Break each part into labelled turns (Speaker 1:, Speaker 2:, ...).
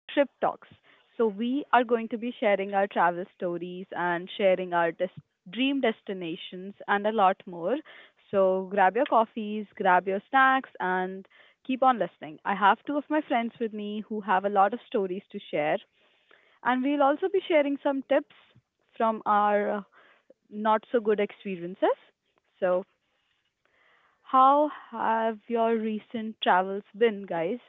Speaker 1: Trip Talks. So, we are going to be sharing our travel stories and sharing our dream destinations and a lot more. So, grab your coffees, grab your snacks, and keep on listening. I have two of my friends with me who have a lot of stories to share, and we'll also be sharing some tips from our not so good experiences. So, how have your recent travels been, guys?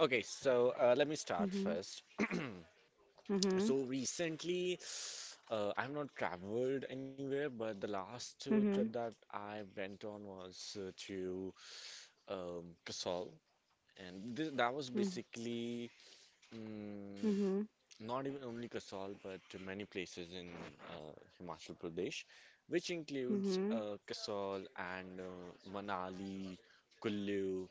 Speaker 2: Okay, so let me start
Speaker 1: Mhm.
Speaker 2: first.
Speaker 1: Mhm.
Speaker 2: So recently, I've not traveled anywhere, but the last
Speaker 1: Mhm.
Speaker 2: trip that I went on was to Kasol, and th that was
Speaker 1: Mhm.
Speaker 2: basically mm
Speaker 1: Mhm.
Speaker 2: not even only Kasol, but to many places in Himachal Pradesh, which includes
Speaker 1: Mhm.
Speaker 2: Kasol and Manali, Kullu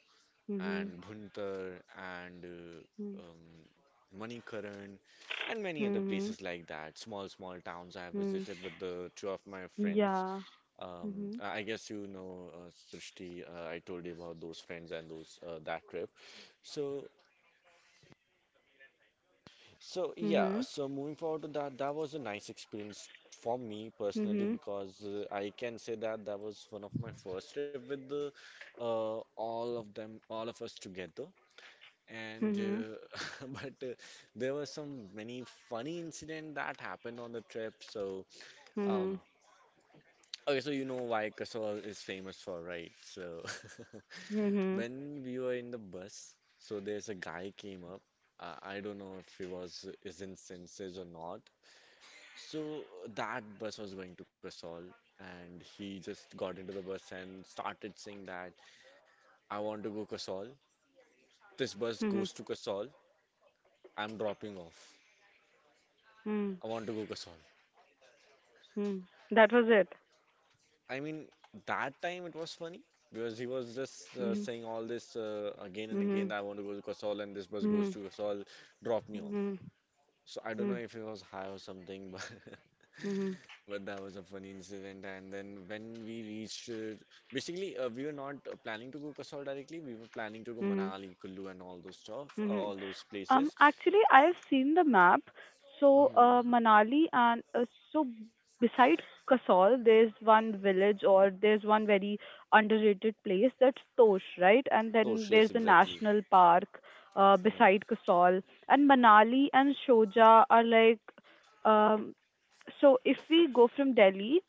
Speaker 1: Mhm.
Speaker 2: and Bhuntar and
Speaker 1: Mhm.
Speaker 2: Manikaran and many other
Speaker 1: Mhm.
Speaker 2: places like that. Small, small towns I
Speaker 1: Mhm.
Speaker 2: visited with the two of my friends.
Speaker 1: Yeah.
Speaker 2: Um,
Speaker 1: Mhm.
Speaker 2: I guess you know Srishti. I told you about those friends and those that trip. So, so
Speaker 1: Mhm.
Speaker 2: yeah. So moving forward to that, that was a nice experience for me
Speaker 1: Mhm.
Speaker 2: personally because I can say that that was one of my first trip with the all of them, all of us together. And
Speaker 1: Mhm.
Speaker 2: but there were some many funny incident that happened on the trip. Um okay, so you know why Kasol is famous for, right?
Speaker 1: Mhm.
Speaker 2: When we were in the bus, so there's a guy came up. I don't know if he was is in senses or not. so that bus was going to Kasol, and he just got into the bus and started saying that, "I want to go Kasol. This
Speaker 1: Mhm.
Speaker 2: bus
Speaker 1: Mhm.
Speaker 2: goes to Kasol. I'm dropping off.
Speaker 1: Mhm.
Speaker 2: I want to go Kasol."
Speaker 1: Mhm. That was it.
Speaker 2: I mean, that time it was funny because he was just
Speaker 1: Mhm.
Speaker 2: saying all this again and
Speaker 1: Mhm.
Speaker 2: again, that, "I want to go to Kasol, and this bus
Speaker 1: Mhm.
Speaker 2: goes to Kasol, drop me off."
Speaker 1: Mhm.
Speaker 2: So I
Speaker 1: Mhm.
Speaker 2: don't know if it was high or something, but,
Speaker 1: Mhm.
Speaker 2: but that was a funny incident. And then when we reached, basically, we were not planning to go Kasol directly. We were planning to go
Speaker 1: Mhm.
Speaker 2: Manali, Kullu, and all those stuff,
Speaker 1: Mhm.
Speaker 2: all those
Speaker 1: Um,
Speaker 2: places.
Speaker 1: actually, I have seen the map. So,
Speaker 2: Mhm.
Speaker 1: Manali and so beside Kasol, there's one village or there's one very underrated place that's Tosh, right? And then
Speaker 2: Those,
Speaker 1: there's
Speaker 2: yes,
Speaker 1: a
Speaker 2: exactly.
Speaker 1: national park
Speaker 2: Mm.
Speaker 1: beside Kasol. And Manali and Shoja are like, um, so if we go from Delhi,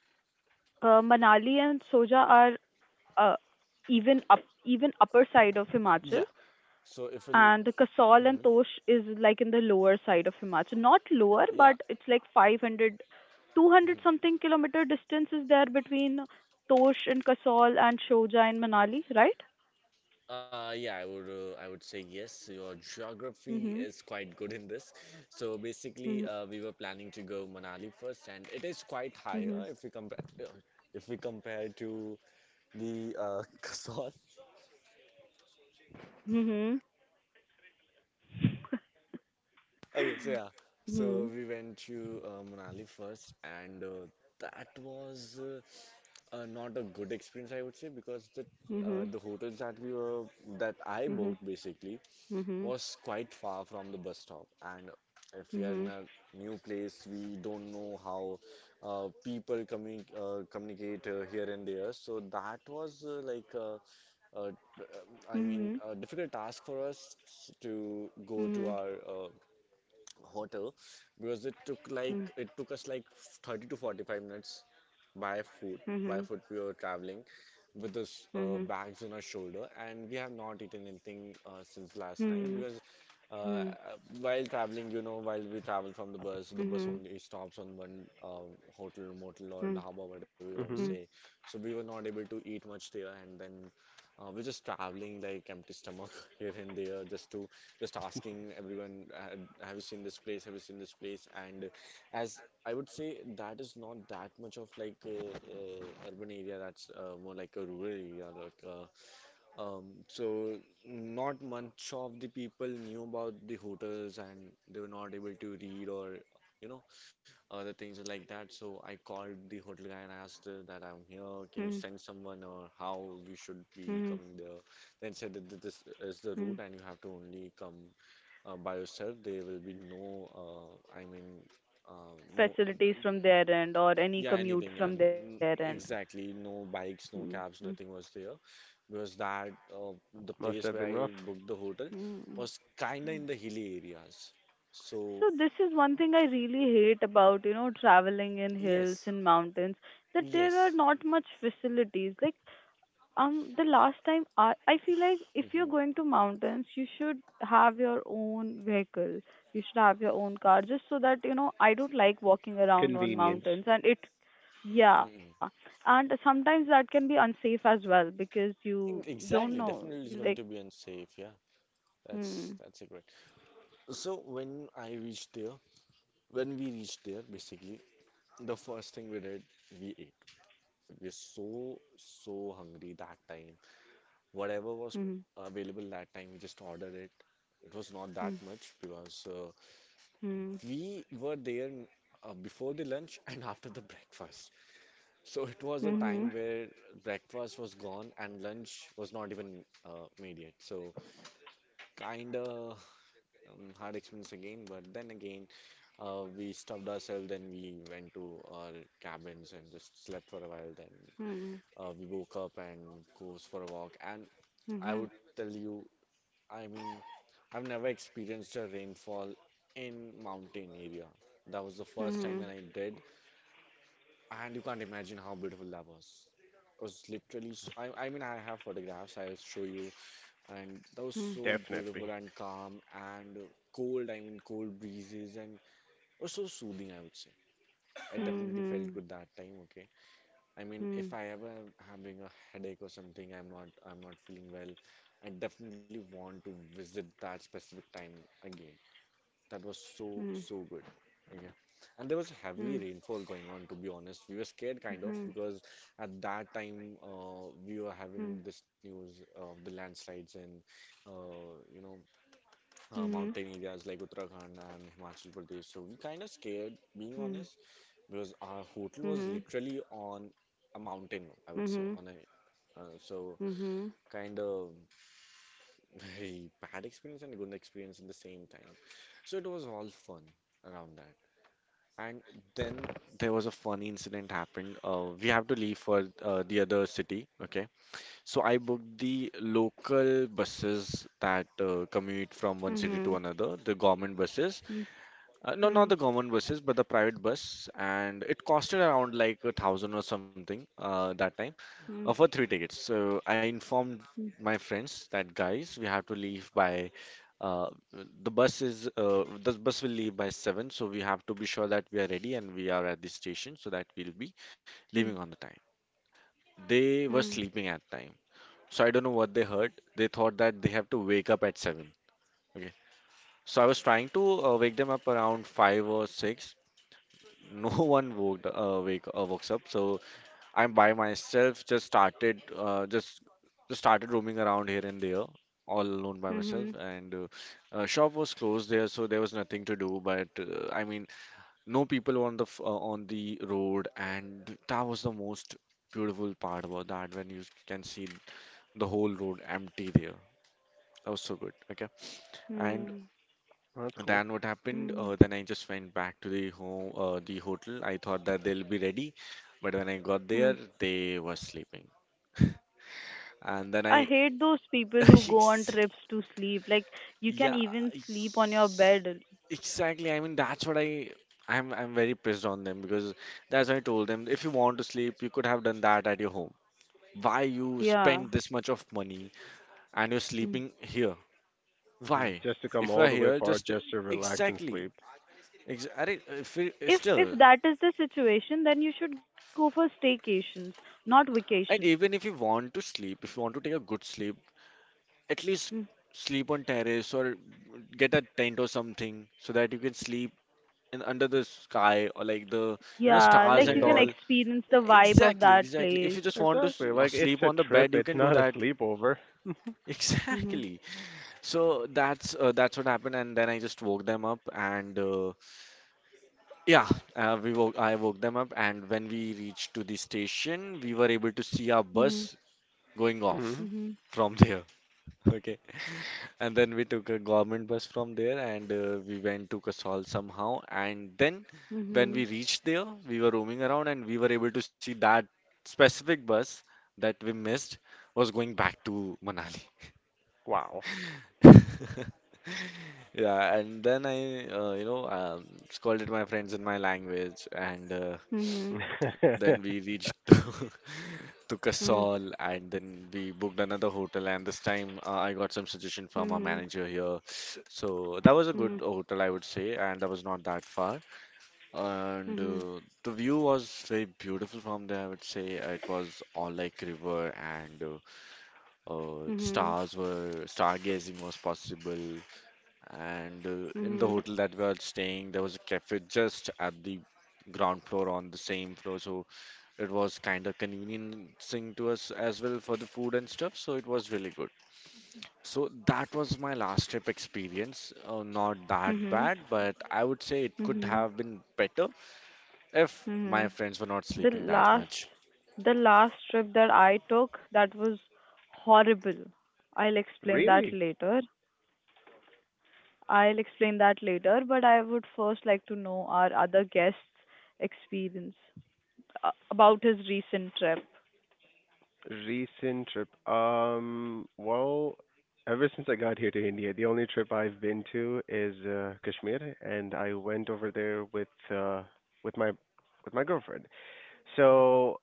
Speaker 1: Manali and Soja are uh, even up even upper side of Himachal,
Speaker 2: Yeah. So if
Speaker 1: and
Speaker 2: we'll,
Speaker 1: the Kasol and
Speaker 2: mhm,
Speaker 1: Tosh is like in the lower side of Himachal. Not lower, but
Speaker 2: yeah,
Speaker 1: it's like 500, 200 something kilometer distance is there between Tosh and Kasol and Shoja and Manali, right?
Speaker 2: Yeah, I would say yes. Your geography
Speaker 1: Mhm.
Speaker 2: is quite good in this. So
Speaker 1: Mhm.
Speaker 2: basically, we were planning to go Manali first, and it is quite
Speaker 1: Mhm.
Speaker 2: higher if we compare to the Kasol.
Speaker 1: Mhm.
Speaker 2: Okay, so yeah, so we went to Manali first, and that was not a good experience, I would say, because the
Speaker 1: Mhm.
Speaker 2: uh, the hotels that we were that I
Speaker 1: Mhm.
Speaker 2: booked basically was quite far from the bus stop, and if we are
Speaker 1: Mhm.
Speaker 2: in a new place, we don't know how people communicate here and there, so that was uh, I
Speaker 1: Mhm.
Speaker 2: mean, a difficult task for us to go
Speaker 1: Mhm.
Speaker 2: to our hotel, because it took us like 30 to 45 minutes by foot.
Speaker 1: Mhm.
Speaker 2: We were traveling with
Speaker 1: Mhm.
Speaker 2: this
Speaker 1: Mhm.
Speaker 2: bags on our shoulder, and we have not eaten anything since last night,
Speaker 1: Mhm.
Speaker 2: because
Speaker 1: Mhm.
Speaker 2: uh, while traveling, you know, while we travel from the bus, the
Speaker 1: Mhm.
Speaker 2: bus only stops on one hotel,
Speaker 1: Mhm.
Speaker 2: motel or dhaba, whatever
Speaker 1: Mhm.
Speaker 2: you
Speaker 1: Mhm.
Speaker 2: want to
Speaker 3: hmm
Speaker 2: say. So we were not able to eat much there, and then we're just traveling like empty stomach here and there, just to just asking everyone, "Ha- have you seen this place? Have you seen this place?" And as I would say, that is not that much of like a urban area. That's more like a rural area. Um, so Not much of the people knew about the hotels, and they were not able to read or, you know, other things like that. So I called the hotel guy and I asked that, "I'm here. Can you
Speaker 1: Mhm.
Speaker 2: send someone, or how
Speaker 1: Mhm. Mhm.
Speaker 2: by yourself, there will be no, I mean, uh, mo
Speaker 1: Facilities
Speaker 2: the-
Speaker 1: from their end or
Speaker 2: yeah,
Speaker 1: any
Speaker 2: anything,
Speaker 1: commute
Speaker 2: and
Speaker 1: from their end.
Speaker 2: exactly, no bikes,
Speaker 1: Mm,
Speaker 2: no
Speaker 1: mm,
Speaker 2: cabs, nothing was there, because that the
Speaker 3: Must
Speaker 2: place
Speaker 3: have
Speaker 2: where
Speaker 3: been
Speaker 2: I
Speaker 3: rough.
Speaker 2: booked the hotel
Speaker 1: mm.
Speaker 2: was kinda in the hilly areas. So
Speaker 1: So this is one thing I really hate about traveling in hills
Speaker 2: yes,
Speaker 1: and mountains. That there are
Speaker 2: yes,
Speaker 1: not much facilities. Like the last time I feel like if you're going
Speaker 2: hmm,
Speaker 1: to mountains, you should have your own vehicle. You should have your own car, just so that you know. I don't like walking around on
Speaker 3: Convenience,
Speaker 1: mountains, and yeah,
Speaker 2: hmm.
Speaker 1: and sometimes that can be unsafe as well because you don't
Speaker 2: Exactly,
Speaker 1: know,
Speaker 2: definitely it's going
Speaker 1: like.
Speaker 2: to be unsafe. Yeah, that's
Speaker 1: Hmm,
Speaker 2: a great. So when I reached there, when we reached there, basically the first thing we did, we ate. We're so, so hungry that time. Whatever was
Speaker 1: hmm,
Speaker 2: available that time, we just ordered it. It was not that
Speaker 1: hmm,
Speaker 2: much because we were there before the lunch and after the breakfast. So it was a
Speaker 1: hmm, hmm,
Speaker 2: time where breakfast was gone and lunch was not even made yet. So kind of hard experience again, but then again, we stuffed ourselves, then we went to our cabins and just slept for a while. Then
Speaker 1: hmm,
Speaker 2: we woke up and goes for a walk. And I
Speaker 1: hmm,
Speaker 2: would tell you, I mean, I've never experienced a rainfall in mountain area. That was the first time
Speaker 1: hmm,
Speaker 2: when I did, and you can't imagine how beautiful that was. It was literally, I mean, I have photographs I'll show you, and that was
Speaker 1: hmm,
Speaker 2: so beautiful
Speaker 3: definitely.
Speaker 2: and calm and cold. I mean, cold breezes, and it was so soothing, I would say. I definitely felt
Speaker 1: hmm,
Speaker 2: good that time, okay. I mean,
Speaker 1: hmm,
Speaker 2: if I ever am having a headache or something, I'm not feeling well, I definitely want to visit that specific time again. That was so
Speaker 1: hmm, hmm,
Speaker 2: so good. Okay. And there was heavy
Speaker 1: hmm,
Speaker 2: rainfall going on, to be honest. We were scared
Speaker 1: hmm,
Speaker 2: kind of
Speaker 1: hmm.
Speaker 2: because at that time we were
Speaker 1: Hmm,
Speaker 2: having this news of the landslides in you know,
Speaker 1: hmm,
Speaker 2: mountain areas like Uttarakhand and Himachal Pradesh. So we kind of scared, being
Speaker 1: hmm,
Speaker 2: honest, because our hotel was
Speaker 1: Mhm.
Speaker 2: literally on a mountain, I would say,
Speaker 1: Mhm.
Speaker 2: on a so
Speaker 1: Mhm.
Speaker 2: kind of very bad experience and good experience at the same time. So it was all fun around that. And then there was a funny incident happened. We have to leave for the other city, okay? So I booked the local buses that commute from one city to
Speaker 1: Mhm.
Speaker 2: another, the government buses.
Speaker 1: Mhm.
Speaker 2: No, not the
Speaker 1: Mhm.
Speaker 2: government buses, but the private bus, and it costed around like 1,000 or something that time for 3 tickets. So I informed
Speaker 1: Mhm. Mhm.
Speaker 2: my friends that, "Guys, we have to leave by uh, the bus will leave by 7, so we have to be sure that we are ready and we are at the station so that we'll be
Speaker 1: Mhm.
Speaker 2: leaving on the time." They were
Speaker 1: Mhm.
Speaker 2: sleeping at time, so I don't know what they heard. They thought that they have to wake up at 7. Okay, so I was trying to wake them up around 5 or 6. No one woke wake wakes up, so I'm by myself just started just started roaming around here and there, all alone by myself,
Speaker 1: Mhm.
Speaker 2: and shop was closed there, so there was nothing to do, but I mean, no people on the on the road, and that was the most beautiful part about that, when you can see the whole road empty there. That was so good, okay. And
Speaker 3: Well, that's cool.
Speaker 2: then what happened?
Speaker 1: Mhm.
Speaker 2: Then I just went back to the home, the hotel. I thought that they'll be ready, but when I got there,
Speaker 1: Mhm.
Speaker 2: they were sleeping. And then
Speaker 1: I
Speaker 2: I,
Speaker 1: hate those people who go on
Speaker 2: Ex-
Speaker 1: trips to sleep. Like you can
Speaker 2: yeah,
Speaker 1: even sleep on your bed.
Speaker 2: exactly. I mean, that's what I, I'm very pissed on them, because that's why I told them, if you want to sleep, you could have done that at your home. Why you
Speaker 1: Yeah.
Speaker 2: spend this much of money and you're
Speaker 1: Mm.
Speaker 2: sleeping here? Why?
Speaker 3: Just to come
Speaker 2: If you
Speaker 3: all
Speaker 2: are
Speaker 3: the way
Speaker 2: here,
Speaker 3: far
Speaker 2: just
Speaker 3: just to relax and
Speaker 2: exactly.
Speaker 3: sleep.
Speaker 2: अरे, if you,
Speaker 1: If
Speaker 2: still.
Speaker 1: that is the situation, then you should go for staycations, not vacations.
Speaker 2: And even if you want to sleep, if you want to take a good sleep, at least
Speaker 1: Mm.
Speaker 2: sleep on terrace or get a tent or something, so that you can sleep in under the sky, or like the, you know,
Speaker 1: Yeah,
Speaker 2: stars
Speaker 1: like you
Speaker 2: and
Speaker 1: can
Speaker 3: Yeah,
Speaker 2: all.
Speaker 1: experience the vibe of
Speaker 2: Exactly,
Speaker 1: that
Speaker 2: exactly. If
Speaker 1: place.
Speaker 2: you just want to
Speaker 3: exactly. Like it's
Speaker 2: sleep
Speaker 3: a
Speaker 2: on the
Speaker 3: trip.
Speaker 2: bed, you
Speaker 3: It's
Speaker 2: can do
Speaker 3: not a
Speaker 2: that.
Speaker 3: sleepover.
Speaker 1: Mhm.
Speaker 2: Exactly. So that's what happened, and then I just woke them up, and yeah, we woke I woke them up, and when we reached to the station, we were able to see our
Speaker 1: Mhm.
Speaker 2: bus going off
Speaker 3: hmm
Speaker 1: Mhm.
Speaker 2: from there. Okay. And then we took a government bus from there and we went to Kasol somehow. And then when
Speaker 1: Mhm.
Speaker 2: we reached there, we were roaming around and we were able to see that specific bus that we missed was going back to Manali.
Speaker 3: Wow.
Speaker 2: Yeah, and then I, scolded my friends in my language, and
Speaker 1: Mhm.
Speaker 2: then we reached to
Speaker 1: Mhm.
Speaker 2: Kasol, and then we booked another hotel. And this time, I got some suggestion from our
Speaker 1: Mhm.
Speaker 2: manager here, so that was a good
Speaker 1: Mhm.
Speaker 2: hotel, I would say, and that was not that far. And
Speaker 1: Mhm.
Speaker 2: the view was very beautiful from there, I would say. It was all like river, and
Speaker 1: Mhm.
Speaker 2: stars were stargazing was possible, and in the
Speaker 1: Mhm.
Speaker 2: hotel that we were staying, there was a cafe just at the ground floor on the same floor. So it was kind of conveniencing to us as well for the food and stuff. So it was really good. So that was my last trip experience. Not that
Speaker 1: Mhm.
Speaker 2: bad, but I would say it could
Speaker 1: Mhm.
Speaker 2: have been better if my
Speaker 1: Mhm.
Speaker 2: friends were not
Speaker 1: The
Speaker 2: sleeping that
Speaker 1: last
Speaker 2: much.
Speaker 1: the last trip that I took that was horrible. I'll explain that
Speaker 3: Really?
Speaker 1: later. I'll explain that later, but I would first like to know our other guest's experience about his recent trip.
Speaker 3: Recent trip. Ever since I got here to India, the only trip I've been to is Kashmir, and I went over there with with my with my girlfriend. So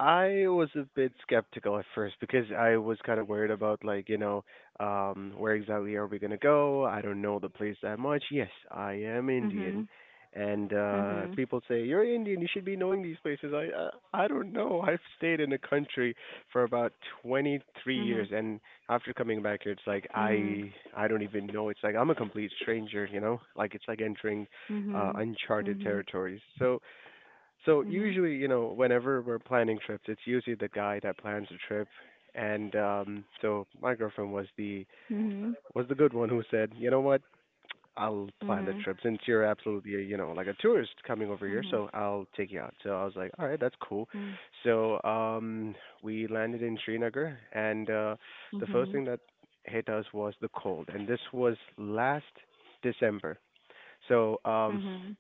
Speaker 3: I was a bit skeptical at first because I was kind of worried about like, you know, where exactly are we gonna go? I don't know the place that much. Yes, I am Indian,
Speaker 1: Mhm.
Speaker 3: and
Speaker 1: Mhm.
Speaker 3: people say you're Indian, you should be knowing these places. I don't know. I've stayed in a country for about 23
Speaker 1: Mhm.
Speaker 3: years, and after coming back here, it's like
Speaker 1: Mhm.
Speaker 3: I don't even know. It's like I'm a complete stranger, you know. Like it's like entering
Speaker 1: Mhm.
Speaker 3: uncharted
Speaker 1: Mhm.
Speaker 3: territories. So
Speaker 1: Mhm.
Speaker 3: usually, you know, whenever we're planning trips, it's usually the guy that plans the trip. And so my girlfriend
Speaker 1: Mhm.
Speaker 3: was the good one who said, you know what, I'll plan the
Speaker 1: Mhm.
Speaker 3: trip since you're absolutely, a, you know, like a tourist coming over here,
Speaker 1: Mhm.
Speaker 3: so I'll take you out. So I was like, all right, that's cool.
Speaker 1: Mhm.
Speaker 3: So we landed in Srinagar, and the first
Speaker 1: Mhm.
Speaker 3: thing that hit us was the cold, and this was last December. So
Speaker 1: Mhm.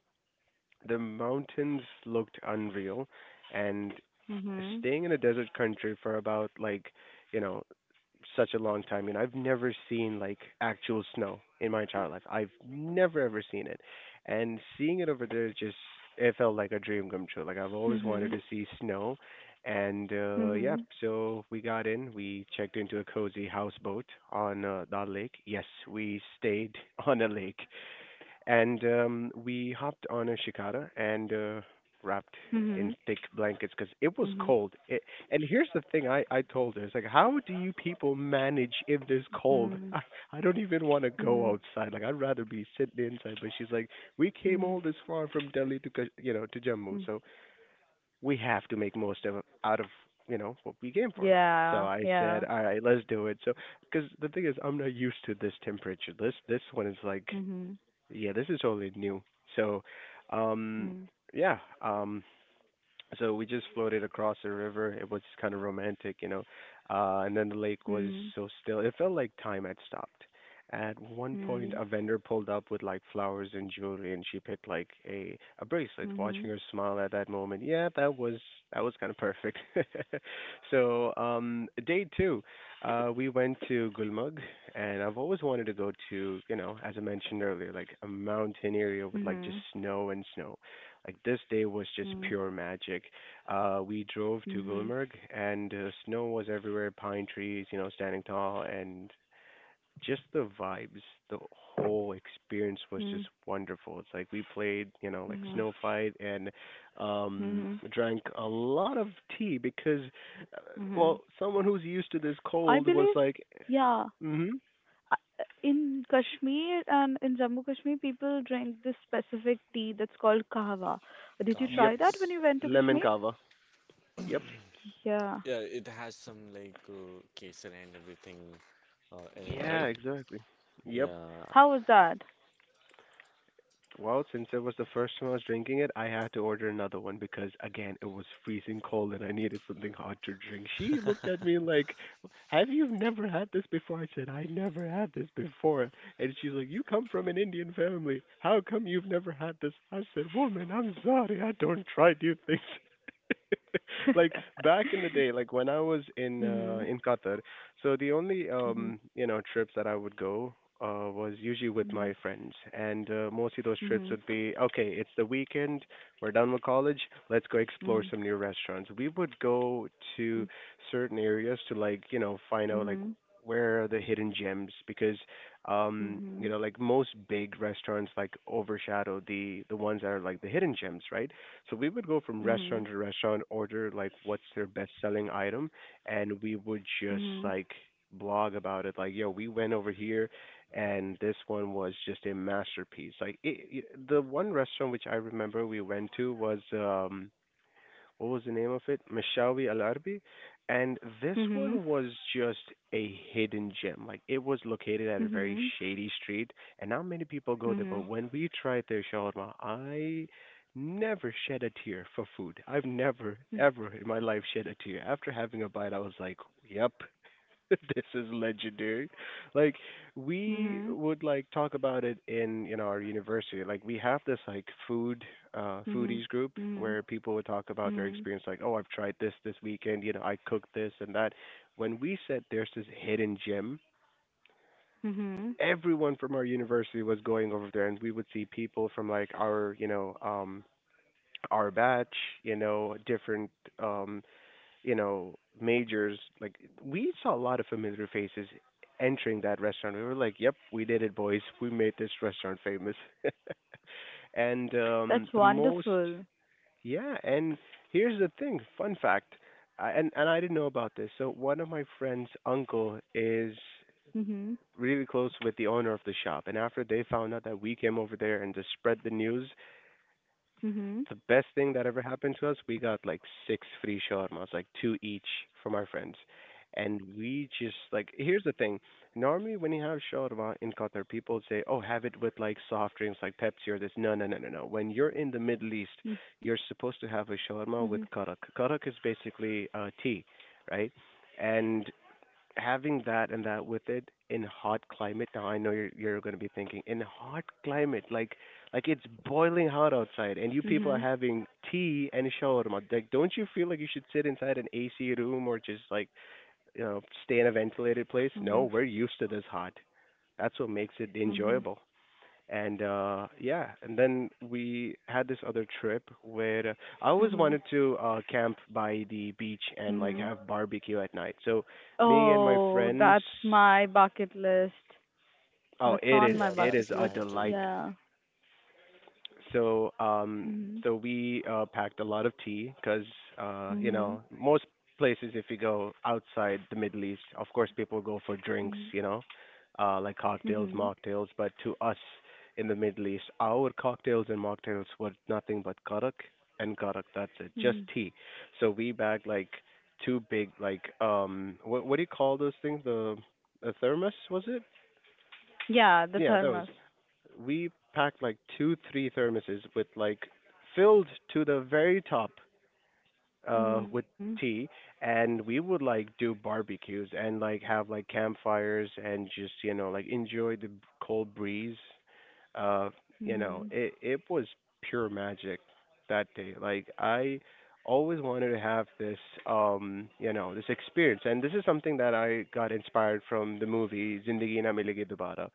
Speaker 3: the mountains looked unreal and
Speaker 1: Mhm.
Speaker 3: staying in a desert country for about like, you know, such a long time, you know, I've never seen like actual snow in my entire life. I've never ever seen it. And seeing it over there just it felt like a dream come true. Like I've always wanted
Speaker 1: Mhm.
Speaker 3: to see snow. And yeah,
Speaker 1: Mhm.
Speaker 3: so we got in, we checked into a cozy houseboat on the lake. Yes, we stayed on a lake and we hopped on a shikara and wrapped in
Speaker 1: Mhm.
Speaker 3: thick blankets because it was
Speaker 1: Mhm.
Speaker 3: cold. It, and here's the thing I told her, it's like, how do you people manage in this cold?
Speaker 1: Mhm.
Speaker 3: I don't even want to go
Speaker 1: Mhm.
Speaker 3: outside. Like, I'd rather be sitting inside. But she's like, we came
Speaker 1: Mhm.
Speaker 3: all this far from Delhi to, Kash- you know, to Jammu.
Speaker 1: Mhm.
Speaker 3: So we have to make most of out of, you know, what we came for. So
Speaker 1: Yeah.
Speaker 3: I said,
Speaker 1: Yeah.
Speaker 3: all right, let's do it. So because the thing is, I'm not used to this temperature. This one is like
Speaker 1: Mhm.
Speaker 3: yeah, this is totally new. So, um,
Speaker 1: Mhm.
Speaker 3: yeah. Um, so we just floated across the river. It was kind of romantic, you know. And then the lake was so still. It felt like time had stopped. At one point,
Speaker 1: Mhm.
Speaker 3: a vendor pulled up with like flowers and jewelry, and she picked like a bracelet. Watching
Speaker 1: Mhm.
Speaker 3: her smile at that moment, yeah, that was kind of perfect. Day two, we went to Gulmarg, and I've always wanted to go to, you know, as I mentioned earlier, like a mountain area with like just
Speaker 1: Mhm.
Speaker 3: snow and snow like this day was just
Speaker 1: Mhm.
Speaker 3: pure magic. We drove to
Speaker 1: Mhm.
Speaker 3: Gulmarg and snow was everywhere, pine trees, you know, standing tall, and just the vibes. The whole experience was just
Speaker 1: Mhm.
Speaker 3: wonderful. It's like we played, you know, like
Speaker 1: Mhm. Mhm.
Speaker 3: snow fight and um,
Speaker 1: Mhm.
Speaker 3: drank a lot of tea because, uh,
Speaker 1: Mhm.
Speaker 3: well, someone who's used to this
Speaker 1: I
Speaker 3: cold was
Speaker 1: believe,
Speaker 3: like,
Speaker 1: yeah,
Speaker 3: mm-hmm,
Speaker 1: uh, in Kashmir and in Jammu Kashmir, people drink this specific tea that's called kahwa. Did you
Speaker 2: Kava,
Speaker 3: yep,
Speaker 1: try that when
Speaker 2: yes.
Speaker 1: you went to
Speaker 3: lemon
Speaker 1: Kashmir?
Speaker 3: kava, yep,
Speaker 1: Yeah.
Speaker 2: Yeah, it has some like kesar and everything in it,
Speaker 3: yeah,
Speaker 2: right?
Speaker 3: exactly, yep.
Speaker 2: Yeah.
Speaker 1: How was that?
Speaker 3: Well, since it was the first time I was drinking it, I had to order another one because again, it was freezing cold and I needed something hot to drink. She looked at me like, "Have you never had this before?" I said, "I never had this before." And she's like, "You come from an Indian family. How come you've never had this?" I said, "Woman, I'm sorry. I don't try new things." Like back in the day, like when I was
Speaker 1: Mhm.
Speaker 3: in Qatar, so the only
Speaker 1: Mhm.
Speaker 3: you know trips that I would go was usually with
Speaker 1: Mhm.
Speaker 3: my friends, and mostly those trips
Speaker 1: Mhm.
Speaker 3: would be okay. It's the weekend. We're done with college. Let's go
Speaker 1: Mhm.
Speaker 3: explore some new restaurants. We would go to certain areas to like you know find out like
Speaker 1: Mhm.
Speaker 3: where are the hidden gems because you
Speaker 1: Mhm.
Speaker 3: know like most big restaurants like overshadow the ones that are like the hidden gems right so we would go from restaurant to restaurant order like what's their best selling item and we would
Speaker 1: Mhm.
Speaker 3: just
Speaker 1: Mhm.
Speaker 3: like blog about it like yo we went over here and this one was just a masterpiece like the one restaurant which I remember we went to was what was the name of it? Mishawi Al Arbi. And this
Speaker 1: Mhm.
Speaker 3: one was just a hidden gem. Like it was located at a very
Speaker 1: Mhm.
Speaker 3: shady street, and not many people go there.
Speaker 1: Mhm.
Speaker 3: But when we tried their shawarma, I never shed a tear for food. I've never, ever in my life shed a tear. After having a bite, I was like, yep, this is legendary. Like
Speaker 1: Mhm.
Speaker 3: we
Speaker 1: Mhm.
Speaker 3: would like talk about it in you know our university. Like we have this like foodies group
Speaker 1: Mhm. Mhm.
Speaker 3: where people would talk about their
Speaker 1: Mhm.
Speaker 3: experience like, "Oh, I've tried this this weekend, you know, I cooked this and that." When we said there's this hidden gem,
Speaker 1: Mhm.
Speaker 3: everyone from our university was going over there and we would see people from like our, you know, our batch, you know, different um you know, majors, like we saw a lot of familiar faces entering that restaurant. We were like, "Yep, we did it, boys. We made this restaurant famous." and
Speaker 1: That's
Speaker 3: the most
Speaker 1: wonderful.
Speaker 3: Yeah, and here's the thing, fun fact. I, and I didn't know about this. So one of my friend's uncle is
Speaker 1: Mhm.
Speaker 3: really close with the owner of the shop, and after they found out that we came over there and just spread the news,
Speaker 1: Mhm.
Speaker 3: the best thing that ever happened to us, we got like six free shawarmas, like two each from our friends. And we just like here's the thing. Normally when you have shawarma in Qatar, people say, oh, have it with like soft drinks like Pepsi or this. No, no, no, no, no. When you're in the Middle East,
Speaker 1: Mhm.
Speaker 3: you're supposed to have a
Speaker 1: Mhm.
Speaker 3: shawarma with karak. Karak is basically tea, right? And having that and that with it in hot climate. Now I know you're going to be thinking in hot climate, like it's boiling hot outside, and you people are
Speaker 1: Mhm.
Speaker 3: having tea and shawarma. Like, don't you feel like you should sit inside an AC room or just like you know stay in a ventilated place?
Speaker 1: Mhm.
Speaker 3: No, we're used to this hot. That's what makes it
Speaker 1: Mhm.
Speaker 3: enjoyable. And yeah, and then we had this other trip where I always
Speaker 1: Mhm.
Speaker 3: wanted to camp by the beach and like
Speaker 1: Mhm.
Speaker 3: have barbecue at night. So me and my
Speaker 1: Oh,
Speaker 3: friends,
Speaker 1: that's my bucket list.
Speaker 3: oh,
Speaker 1: That's
Speaker 3: it
Speaker 1: on
Speaker 3: is
Speaker 1: my
Speaker 2: Yeah,
Speaker 3: it is
Speaker 2: that's
Speaker 1: bucket
Speaker 3: a
Speaker 1: list.
Speaker 2: mine
Speaker 3: delight.
Speaker 2: too.
Speaker 1: Yeah.
Speaker 3: So
Speaker 1: Mhm.
Speaker 3: we packed a lot of tea 'cause you
Speaker 1: Mhm.
Speaker 3: know most places if you go outside the Middle East, of course people go for drinks,
Speaker 1: Mhm.
Speaker 3: you know, like cocktails,
Speaker 1: Mhm.
Speaker 3: mocktails, but to us in the Middle East, our cocktails and mocktails were nothing but karak and karak. That's it, just
Speaker 1: Mhm.
Speaker 3: tea. So we bagged like two big like what do you call those things? The thermos was it?
Speaker 1: Yeah, the
Speaker 3: Yeah,
Speaker 1: thermos.
Speaker 3: those we packed like two, three thermoses with like filled to the very top
Speaker 1: Mhm.
Speaker 3: with tea and we would like do barbecues and like have like campfires and just you know like enjoy the b- cold breeze uh you know
Speaker 1: Mhm.
Speaker 3: it was pure magic that day like I always wanted to have this you know this experience and this is something that I got inspired from the movie Zindagi Na Milegi Dobara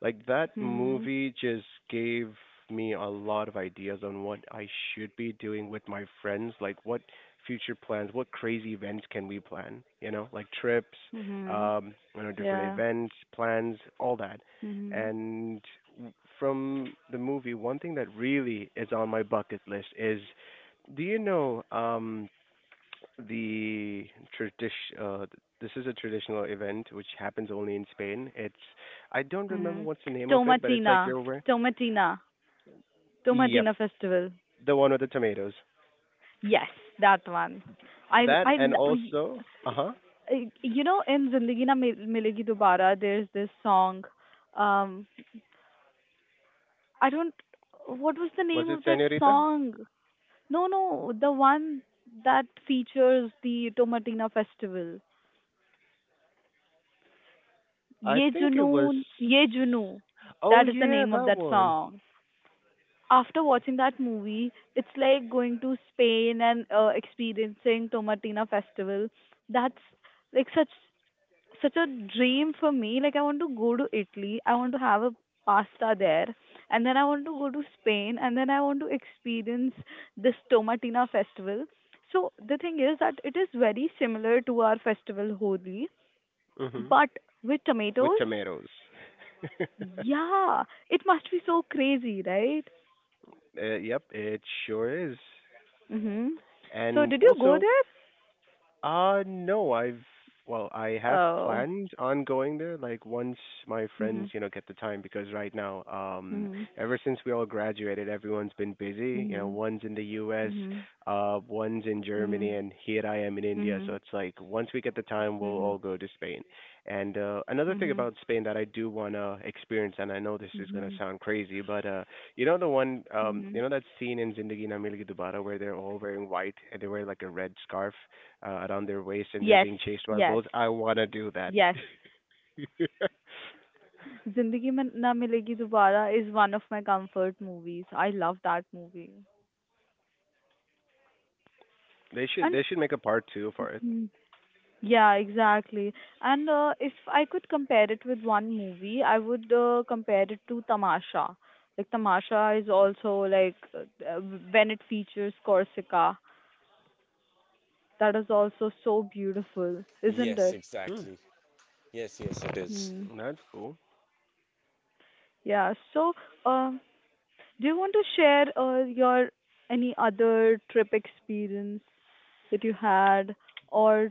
Speaker 3: like that
Speaker 1: Mhm.
Speaker 3: movie just gave me a lot of ideas on what I should be doing with my friends like what future plans? What crazy events can we plan? You know, like trips,
Speaker 1: Mhm.
Speaker 3: you know, different
Speaker 1: Yeah.
Speaker 3: events, plans, all that.
Speaker 1: Mhm.
Speaker 3: And w- from the movie, one thing that really is on my bucket list is, do you know, the tradition? Uh, this is a traditional event which happens only in Spain. It's I don't remember
Speaker 1: Mhm.
Speaker 3: what's the name of it, but it's like
Speaker 1: Tomatina.
Speaker 3: you're wearing.
Speaker 1: Tomatina.
Speaker 3: Yep,
Speaker 1: Tomatina festival.
Speaker 3: the one with the tomatoes.
Speaker 1: Yes, that one.
Speaker 3: That
Speaker 1: I
Speaker 3: and
Speaker 1: lo- y-
Speaker 3: also, uh huh.
Speaker 1: y- you know in Zindagi Na Milegi Dobara there's this song. Um, I don't. What was the
Speaker 3: Was
Speaker 1: name
Speaker 3: it
Speaker 1: of that
Speaker 3: Senorita?
Speaker 1: song? No, no, the one that features the Tomatina festival.
Speaker 3: I
Speaker 1: Ye
Speaker 3: think it was.
Speaker 1: Junoon, Ye Junoon.
Speaker 3: Oh
Speaker 1: That is the
Speaker 3: yeah,
Speaker 1: name of
Speaker 3: that
Speaker 1: that
Speaker 3: one.
Speaker 1: song. After watching that movie, it's like going to Spain and experiencing Tomatina festival. That's like such a dream for me. Like I want to go to Italy. I want to have a pasta there, and then I want to go to Spain, and then I want to experience this Tomatina festival. So the thing is that it is very similar to our festival Holi,
Speaker 3: Mhm.
Speaker 1: but with
Speaker 3: With
Speaker 1: tomatoes.
Speaker 3: tomatoes.
Speaker 1: Yeah, it must be so crazy, right?
Speaker 3: Yep, it sure is.
Speaker 1: Mhm. So
Speaker 3: And
Speaker 1: did you go
Speaker 3: also,
Speaker 1: there?
Speaker 3: uh, no, I've well, I have
Speaker 1: Oh.
Speaker 3: plans on going there. Like once my
Speaker 1: Mhm.
Speaker 3: friends, you know, get the time because right now,
Speaker 1: Mhm.
Speaker 3: ever since we all graduated, everyone's been busy. You know,
Speaker 1: Mhm.
Speaker 3: one's in the U.S.,
Speaker 1: Mhm.
Speaker 3: one's in Germany,
Speaker 1: Mhm.
Speaker 3: and here I am in India. So
Speaker 1: Mhm.
Speaker 3: it's like once we get the time, we'll
Speaker 1: Mhm.
Speaker 3: all go to Spain. And another thing
Speaker 1: Mhm.
Speaker 3: about Spain that I do wanna experience, and I know this is gonna
Speaker 1: Mhm.
Speaker 3: sound crazy, but you know you
Speaker 1: Mhm.
Speaker 3: know that scene in Zindagi Na Milegi Dobara where they're all wearing white and they wear like a red scarf around their waist and they're
Speaker 1: Yes,
Speaker 3: being chased by
Speaker 1: yes,
Speaker 3: bulls. I wanna do that.
Speaker 1: yes. Zindagi Mein Na Milegi Dobara is one of my comfort movies. I love that movie.
Speaker 3: they should
Speaker 1: And
Speaker 3: they should make a part two for it.
Speaker 1: hmm, yeah, exactly. And if I could compare it with one movie, I would compare it to Tamasha. Like Tamasha is also like when it features Corsica, that is also so beautiful, isn't
Speaker 2: Yes,
Speaker 1: it?
Speaker 3: Hmm,
Speaker 2: exactly. Yes, yes, it is.
Speaker 1: Hmm.
Speaker 3: that's cool.
Speaker 1: Yeah. So, um, do you want to share your any other trip experience that you had, or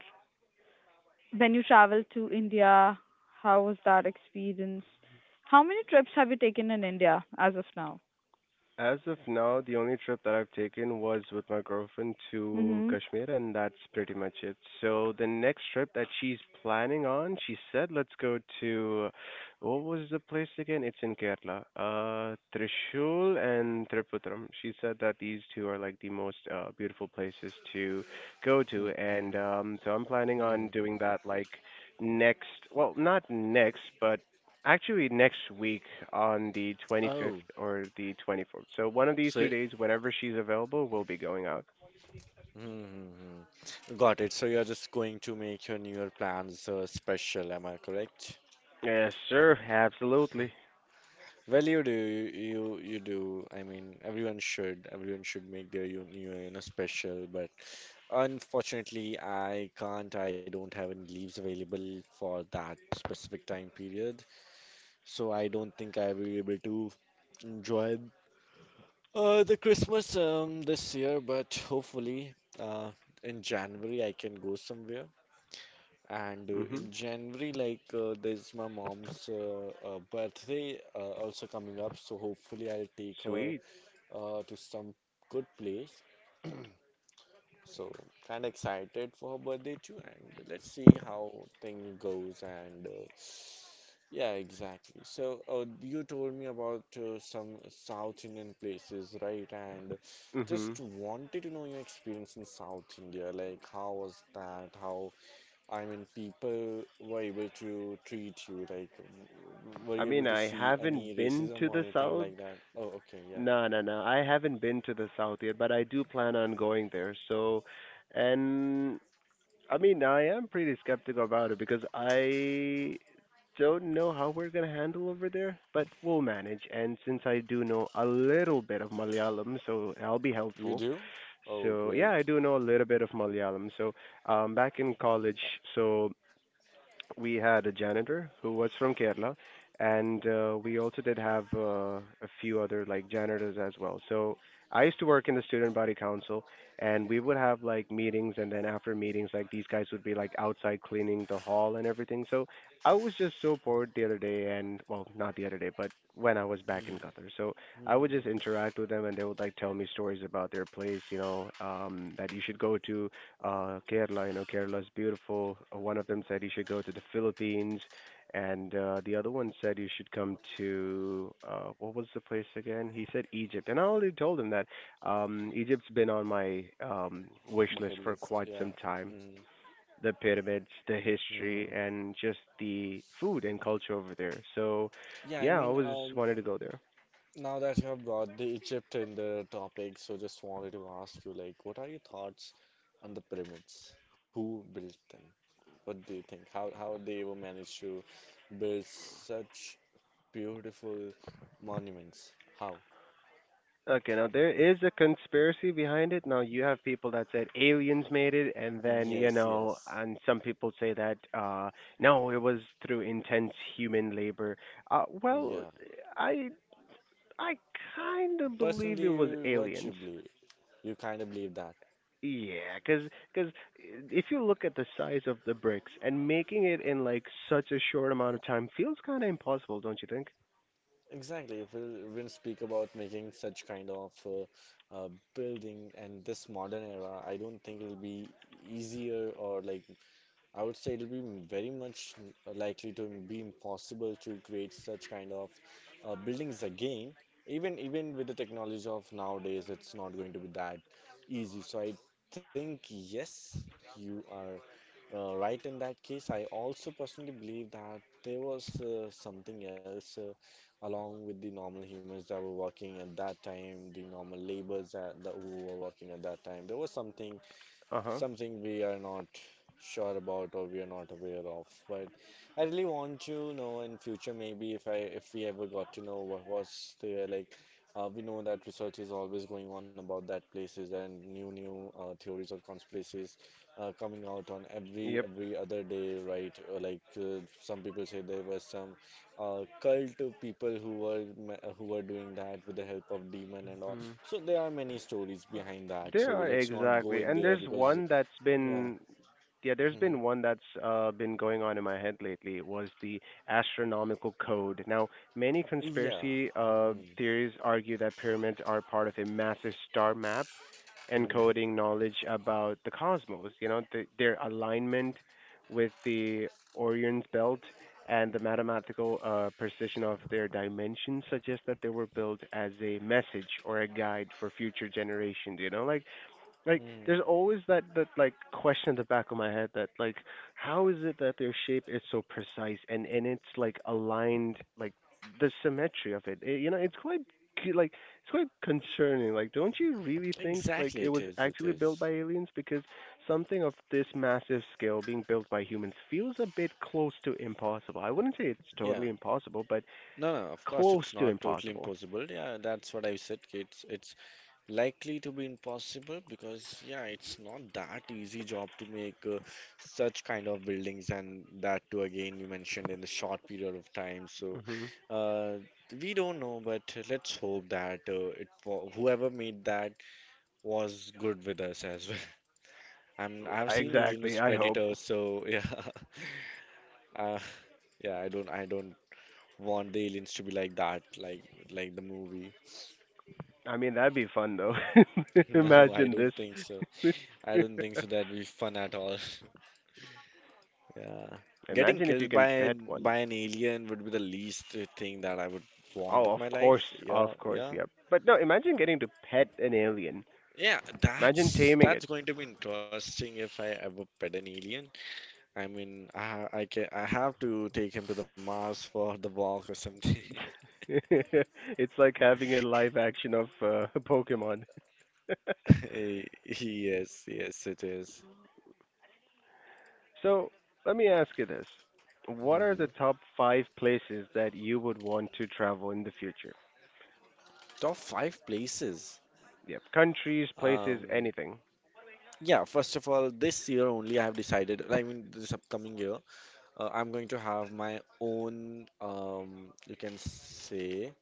Speaker 1: when you traveled to India, how was that experience? How many trips have you taken in India as of now?
Speaker 3: As of now, the only trip that I've taken was with my girlfriend to
Speaker 1: Mm-hmm.
Speaker 3: Kashmir, and that's pretty much it. So the next trip that she's planning on, she said, let's go to what was the place again? It's in Kerala, Trishul and Trippuram. She said that these two are like the most beautiful places to go to,
Speaker 2: Mhm,
Speaker 3: and so I'm planning
Speaker 2: mhm.
Speaker 3: on doing that like next, well, not next, but Actually, next week on the 25th
Speaker 2: Oh,
Speaker 3: or the 24th. So one of these
Speaker 2: so
Speaker 3: two days, whenever she's available, we'll be going out.
Speaker 2: mhm. Got it. So you're just going to make your New Year plans special, am I correct?
Speaker 3: Yes, sir. Absolutely.
Speaker 2: Well, you do, you do. I mean, everyone should make their New Year, you know, special. But unfortunately, I can't. I don't have any leaves available for that specific time period, so I don't think I will be able to enjoy the Christmas this year, but hopefully uh in January I can go somewhere. And
Speaker 3: Mhm.
Speaker 2: in January, like there's my mom's birthday also coming up, so hopefully I'll take her
Speaker 3: Sweet.
Speaker 2: to some good place. So kind of excited for her birthday too, and let's see how thing goes. And yeah, exactly. So you told me about some South Indian places, right? And
Speaker 3: Mhm.
Speaker 2: just wanted to know your experience in South India. Like, how was that? How, I mean, people were able to treat you? Like, were
Speaker 3: I
Speaker 2: you
Speaker 3: mean,
Speaker 2: able to
Speaker 3: I
Speaker 2: see any
Speaker 3: haven't been
Speaker 2: racism
Speaker 3: to
Speaker 2: or
Speaker 3: the
Speaker 2: anything
Speaker 3: south.
Speaker 2: like that? Oh, okay, yeah.
Speaker 3: No, no, no. I haven't been to the south yet, but I do plan on going there. So, and I mean, I am pretty skeptical about it because I don't know how we're gonna handle over there, but we'll manage. And since I do know a little bit of Malayalam, so I'll be
Speaker 2: You do?
Speaker 3: helpful.
Speaker 2: Oh,
Speaker 3: So
Speaker 2: great.
Speaker 3: yeah, I do know a little bit of Malayalam. So back in college, so we had a janitor who was from Kerala, and we also did have a few other like janitors as well. So I used to work in the student body council, and we would have like meetings, and then after meetings, like these guys would be like outside cleaning the hall and everything. So I was just so bored the other day, and well, not the other day, but when I was back in Qatar. So I would
Speaker 2: Mm-hmm.
Speaker 3: just interact with them, and they would like tell me stories about their place, that you should go to Kerala. You know, Kerala is beautiful. One of them said you should go to the Philippines, and the other one said you should come to what was the place again? He said Egypt, and I already told him that Egypt's been on my wish list
Speaker 2: Bucket
Speaker 3: for
Speaker 2: list,
Speaker 3: quite
Speaker 2: yeah.
Speaker 3: some time.
Speaker 2: Mm,
Speaker 3: The pyramids, the history,
Speaker 2: mhm.
Speaker 3: and just the food and culture over there. So,
Speaker 2: Yeah, I
Speaker 3: yeah, I
Speaker 2: mean,
Speaker 3: always wanted to go there.
Speaker 2: now that you have brought the Egypt in the topic, so just wanted to ask you, like, what are your thoughts on the pyramids? Who built them? What do you think? How they were managed to build such beautiful monuments? How?
Speaker 3: Okay, now there is a conspiracy behind it. Now you have people that said aliens made it, and then you
Speaker 2: Yes,
Speaker 3: know,
Speaker 2: yes.
Speaker 3: and some people say that no, it was through intense human labor. Well,
Speaker 2: Yeah.
Speaker 3: I I kind of believe it was
Speaker 2: Personally, what you
Speaker 3: aliens.
Speaker 2: believe? You kind of believe that.
Speaker 3: Yeah, cause, cause if you look at the size of the bricks and making it in like such a short amount of time feels kind of impossible, don't you think?
Speaker 2: Exactly. We'll speak about making such kind of building and this modern era. I don't think it'll be easier or like I would say it'll be very much likely to be impossible to create such kind of buildings again. Even with the technology of nowadays, it's not going to be that easy. So I think yes, you are right in that case. I also personally believe that there was something else along with the normal humans that were working at that time, the normal laborers that, that who were working at that time. There was something
Speaker 3: Uh huh.
Speaker 2: something we are not sure about or we are not aware of. But I really want to know in future, maybe if we ever got to know what was there. Like we know that research is always going on about that places and new new theories or conspiracies coming out on every
Speaker 3: Yep.
Speaker 2: every other day, right? Like some people say there was some cult of people who were who were doing that with the help of demon and all. So there are many stories behind that. So
Speaker 3: There are
Speaker 2: let's not go
Speaker 3: exactly,
Speaker 2: in
Speaker 3: and
Speaker 2: there
Speaker 3: there's
Speaker 2: because
Speaker 3: one that's
Speaker 2: yeah,
Speaker 3: been, yeah, there's been
Speaker 2: hmm,
Speaker 3: one that's been going on in my head lately was the astronomical code. Now, many
Speaker 2: yeah,
Speaker 3: conspiracy
Speaker 2: hmm,
Speaker 3: theories argue that pyramids are part of a massive star map
Speaker 2: hmm,
Speaker 3: encoding knowledge about the cosmos. You know, the, their alignment with the Orion's belt and the mathematical precision of their dimensions suggests that they were built as a message or a guide for future generations. You know, like,
Speaker 2: hmm.
Speaker 3: there's always that like question at the back of my head that like, how is it that their shape is so precise and it's like aligned like the symmetry of it. It you know, it's quite like it's quite concerning. Like, don't you really think like
Speaker 2: Exactly,
Speaker 3: it
Speaker 2: it
Speaker 3: was
Speaker 2: is. It
Speaker 3: actually built by
Speaker 2: is.
Speaker 3: aliens? Because something of this massive scale being built by humans feels a bit close to impossible. I wouldn't say it's
Speaker 2: Yeah.
Speaker 3: totally impossible, but
Speaker 2: No, no. Of course,
Speaker 3: close
Speaker 2: it's
Speaker 3: to
Speaker 2: not totally
Speaker 3: impossible.
Speaker 2: impossible. Yeah, that's what I said. It's likely to be impossible, because yeah, it's not that easy job to make such kind of buildings, and that too, again, you mentioned in the short period of time. So
Speaker 3: Hmm.
Speaker 2: uh, we don't know, but let's hope that whoever made that was good with us as well. I'm I've seen Alien
Speaker 3: Exactly.
Speaker 2: vs.
Speaker 3: I hope.
Speaker 2: Predator, so yeah. uh, yeah, I don't want the aliens to be like that, like the movie.
Speaker 3: I mean, that'd be fun though.
Speaker 2: No, I
Speaker 3: Imagine this.
Speaker 2: don't think so. I don't think so that'd be fun at all. Yeah. Getting
Speaker 3: Imagine if you
Speaker 2: killed
Speaker 3: can
Speaker 2: by
Speaker 3: pet one.
Speaker 2: by an alien would be the least thing that I would want
Speaker 3: Oh,
Speaker 2: in my life.
Speaker 3: of
Speaker 2: Yeah,
Speaker 3: course,
Speaker 2: yeah.
Speaker 3: yeah. But no, imagine getting to pet an alien.
Speaker 2: Yeah,
Speaker 3: Imagine
Speaker 2: that's
Speaker 3: taming it.
Speaker 2: that's going to be interesting if I ever pet an alien. I mean, I have to take him to the Mars for the walk or something.
Speaker 3: It's like having a live action of Pokemon.
Speaker 2: Eh, yes, yes, it is.
Speaker 3: So, let me ask you this. What are the
Speaker 2: Mhm.
Speaker 3: top five places that you would want to travel in the future?
Speaker 2: Top five places.
Speaker 3: Yep. Countries, places,
Speaker 2: Um,
Speaker 3: anything.
Speaker 2: yeah, first of all, this year only I have decided, I mean, this upcoming year, I'm going to have my own, you can say,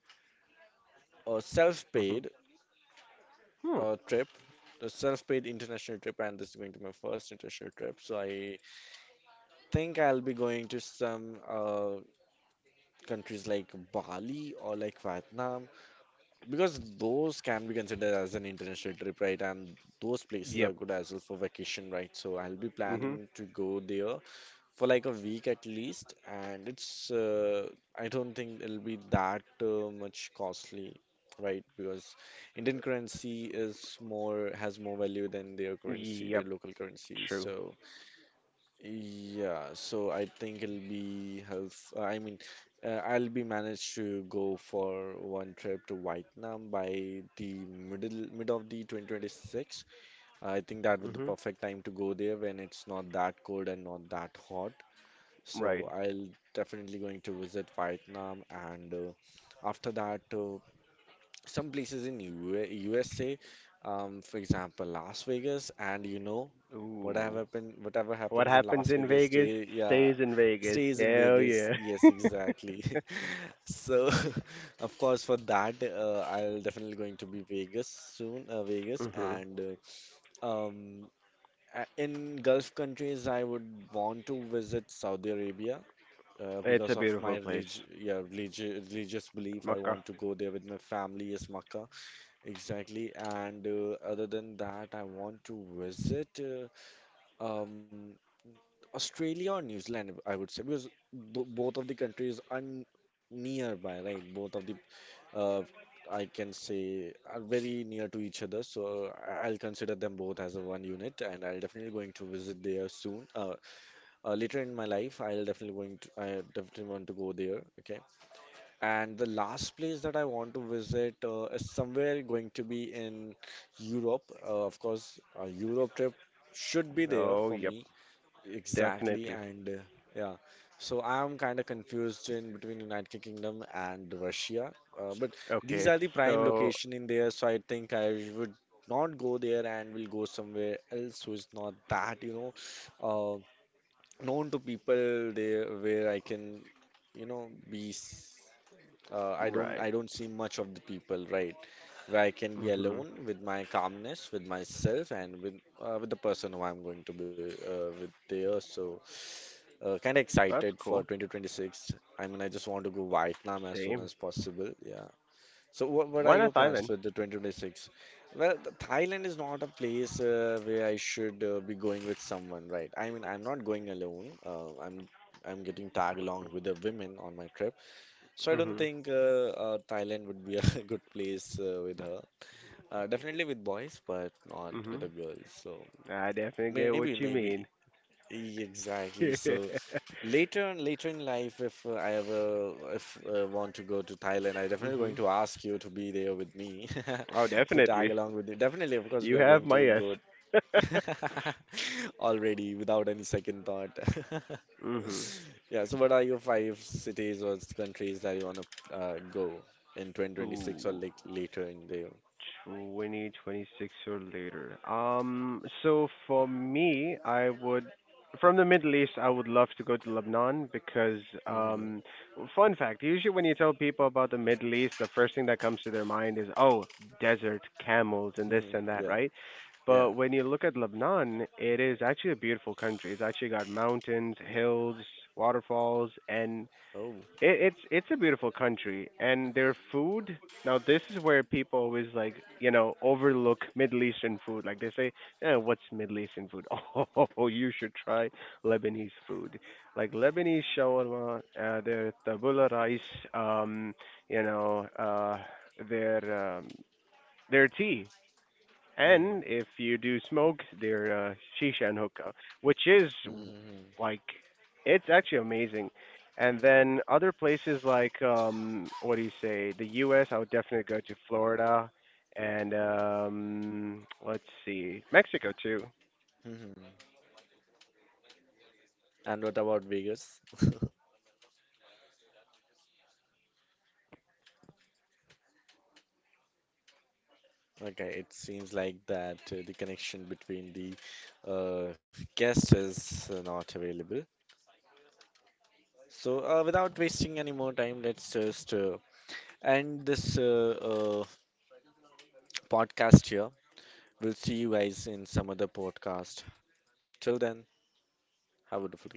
Speaker 2: a
Speaker 3: Hmm.
Speaker 2: self-paid
Speaker 3: Hmm.
Speaker 2: trip, a self-paid international trip, and this is going to be my first international trip. So I think I'll be going to some countries like Bali or like Vietnam, because those can be considered as an international trip, right? And those places are
Speaker 3: Yep.
Speaker 2: good as well for vacation, right? So I'll be
Speaker 3: Hmm.
Speaker 2: planning to go there for like a week at least, and it's I don't think it'll be that much costly, right? Because Indian currency is more has more value than their currency, their
Speaker 3: Yep.
Speaker 2: local currency.
Speaker 3: True.
Speaker 2: So yeah, so I think it'll be help. I mean, I'll be managed to go for one trip to Vietnam by the mid of the 2026. I think that would be the
Speaker 3: Hmm.
Speaker 2: perfect time to go there when it's not that cold and not that hot.
Speaker 3: Right.
Speaker 2: So I'll definitely going to visit Vietnam, and after that some places in UA USA, for example Las Vegas, and you know,
Speaker 3: Ooh.
Speaker 2: whatever
Speaker 3: What
Speaker 2: happens in
Speaker 3: happens
Speaker 2: Las
Speaker 3: in
Speaker 2: Vegas,
Speaker 3: Vegas
Speaker 2: stay, yeah,
Speaker 3: stays in Vegas.
Speaker 2: stays in
Speaker 3: Hell
Speaker 2: Vegas.
Speaker 3: yeah.
Speaker 2: Yes, exactly. So of course for that I'll definitely going to be Vegas soon, Vegas
Speaker 3: Mhm.
Speaker 2: and uh, um, in Gulf countries, I would want to visit Saudi Arabia
Speaker 3: It's a
Speaker 2: because of my
Speaker 3: beautiful place.
Speaker 2: religion, yeah, religious belief. I
Speaker 3: Makkah.
Speaker 2: want to go there with my family, is Makkah, exactly. And other than that, I want to visit um, Australia or New Zealand, I would say, because both of the countries are nearby, right? Both of the uh, I can say are very near to each other, so I'll consider them both as a one unit, and I'll definitely going to visit there soon. Later in my life, I'll definitely going to I definitely want to go there. Okay, and the last place that I want to visit is somewhere going to be in Europe. Of course, a Europe trip should be there
Speaker 3: Oh,
Speaker 2: for
Speaker 3: yep,
Speaker 2: me. Exactly.
Speaker 3: definitely.
Speaker 2: And yeah, so I'm kind of confused in between United Kingdom and Russia. But these
Speaker 3: Okay,
Speaker 2: are the prime
Speaker 3: so
Speaker 2: location in there, so I think I would not go there and will go somewhere else who is not that, you know, uh, known to people there, where I can, you know, I don't
Speaker 3: right.
Speaker 2: I don't see much of the people, right? Where I can be
Speaker 3: Mhm.
Speaker 2: alone with my calmness, with myself, and with the person who I'm going to be with there. So, kind of excited
Speaker 3: That's
Speaker 2: for
Speaker 3: cool.
Speaker 2: 2026. I mean, I just want to go Vietnam as soon
Speaker 3: Same.
Speaker 2: as possible. Yeah. So, what are
Speaker 3: Why
Speaker 2: your
Speaker 3: not
Speaker 2: plans
Speaker 3: Thailand?
Speaker 2: for the 2026? Well, the Thailand is not a place where I should be going with someone, right? I mean, I'm not going alone. I'm getting tag along with the women on my trip. So I don't
Speaker 3: Mhm.
Speaker 2: think Thailand would be a good place with her. Definitely with boys, but not with
Speaker 3: Mhm.
Speaker 2: the girls. So
Speaker 3: I definitely get
Speaker 2: maybe,
Speaker 3: what you
Speaker 2: maybe
Speaker 3: mean.
Speaker 2: Exactly. So
Speaker 3: mhm.
Speaker 2: later on, later in life, if I ever if want to go to Thailand, I definitely going to ask you to be there with me
Speaker 3: Oh,
Speaker 2: to tag
Speaker 3: definitely.
Speaker 2: along with me. Definitely, of course,
Speaker 3: You
Speaker 2: we are
Speaker 3: have
Speaker 2: going
Speaker 3: my
Speaker 2: to
Speaker 3: yes.
Speaker 2: go. Already, without any second thought.
Speaker 3: mhm.
Speaker 2: Yeah, so what are your five cities or countries that you want to go in 2026 or
Speaker 3: Ooh.
Speaker 2: like later in the year?
Speaker 3: 2026 or later. So for me, I would from the Middle East, I would love to go to Lebanon because
Speaker 2: Mhm.
Speaker 3: um, fun fact, usually when you tell people about the Middle East, the first thing that comes to their mind is oh, desert, camels, and this and that,
Speaker 2: Yeah,
Speaker 3: right?
Speaker 2: yeah.
Speaker 3: But when you look at Lebanon, it is actually a beautiful country. It's actually got mountains, hills, waterfalls, and
Speaker 2: Oh.
Speaker 3: it's it's a beautiful country, and their food. Now this is where people always like you know overlook Middle Eastern food. Like they say, eh, what's Middle Eastern food? Oh, you should try Lebanese food, like Lebanese shawarma, their tabula rice, um, you know, uh, their um, their tea.
Speaker 2: Mhm.
Speaker 3: And if you do smoke, they're shisha and hookah, which is
Speaker 2: Mhm.
Speaker 3: like it's actually amazing. And then other places like what do you say? The U.S. I would definitely go to Florida, and let's see, Mexico too.
Speaker 2: Mhm. And what about Vegas? Okay, it seems like that the connection between the uh, guest is not available. So, without wasting any more time, let's just end this podcast here. We'll see you guys in some other podcast. Till then, have a wonderful day.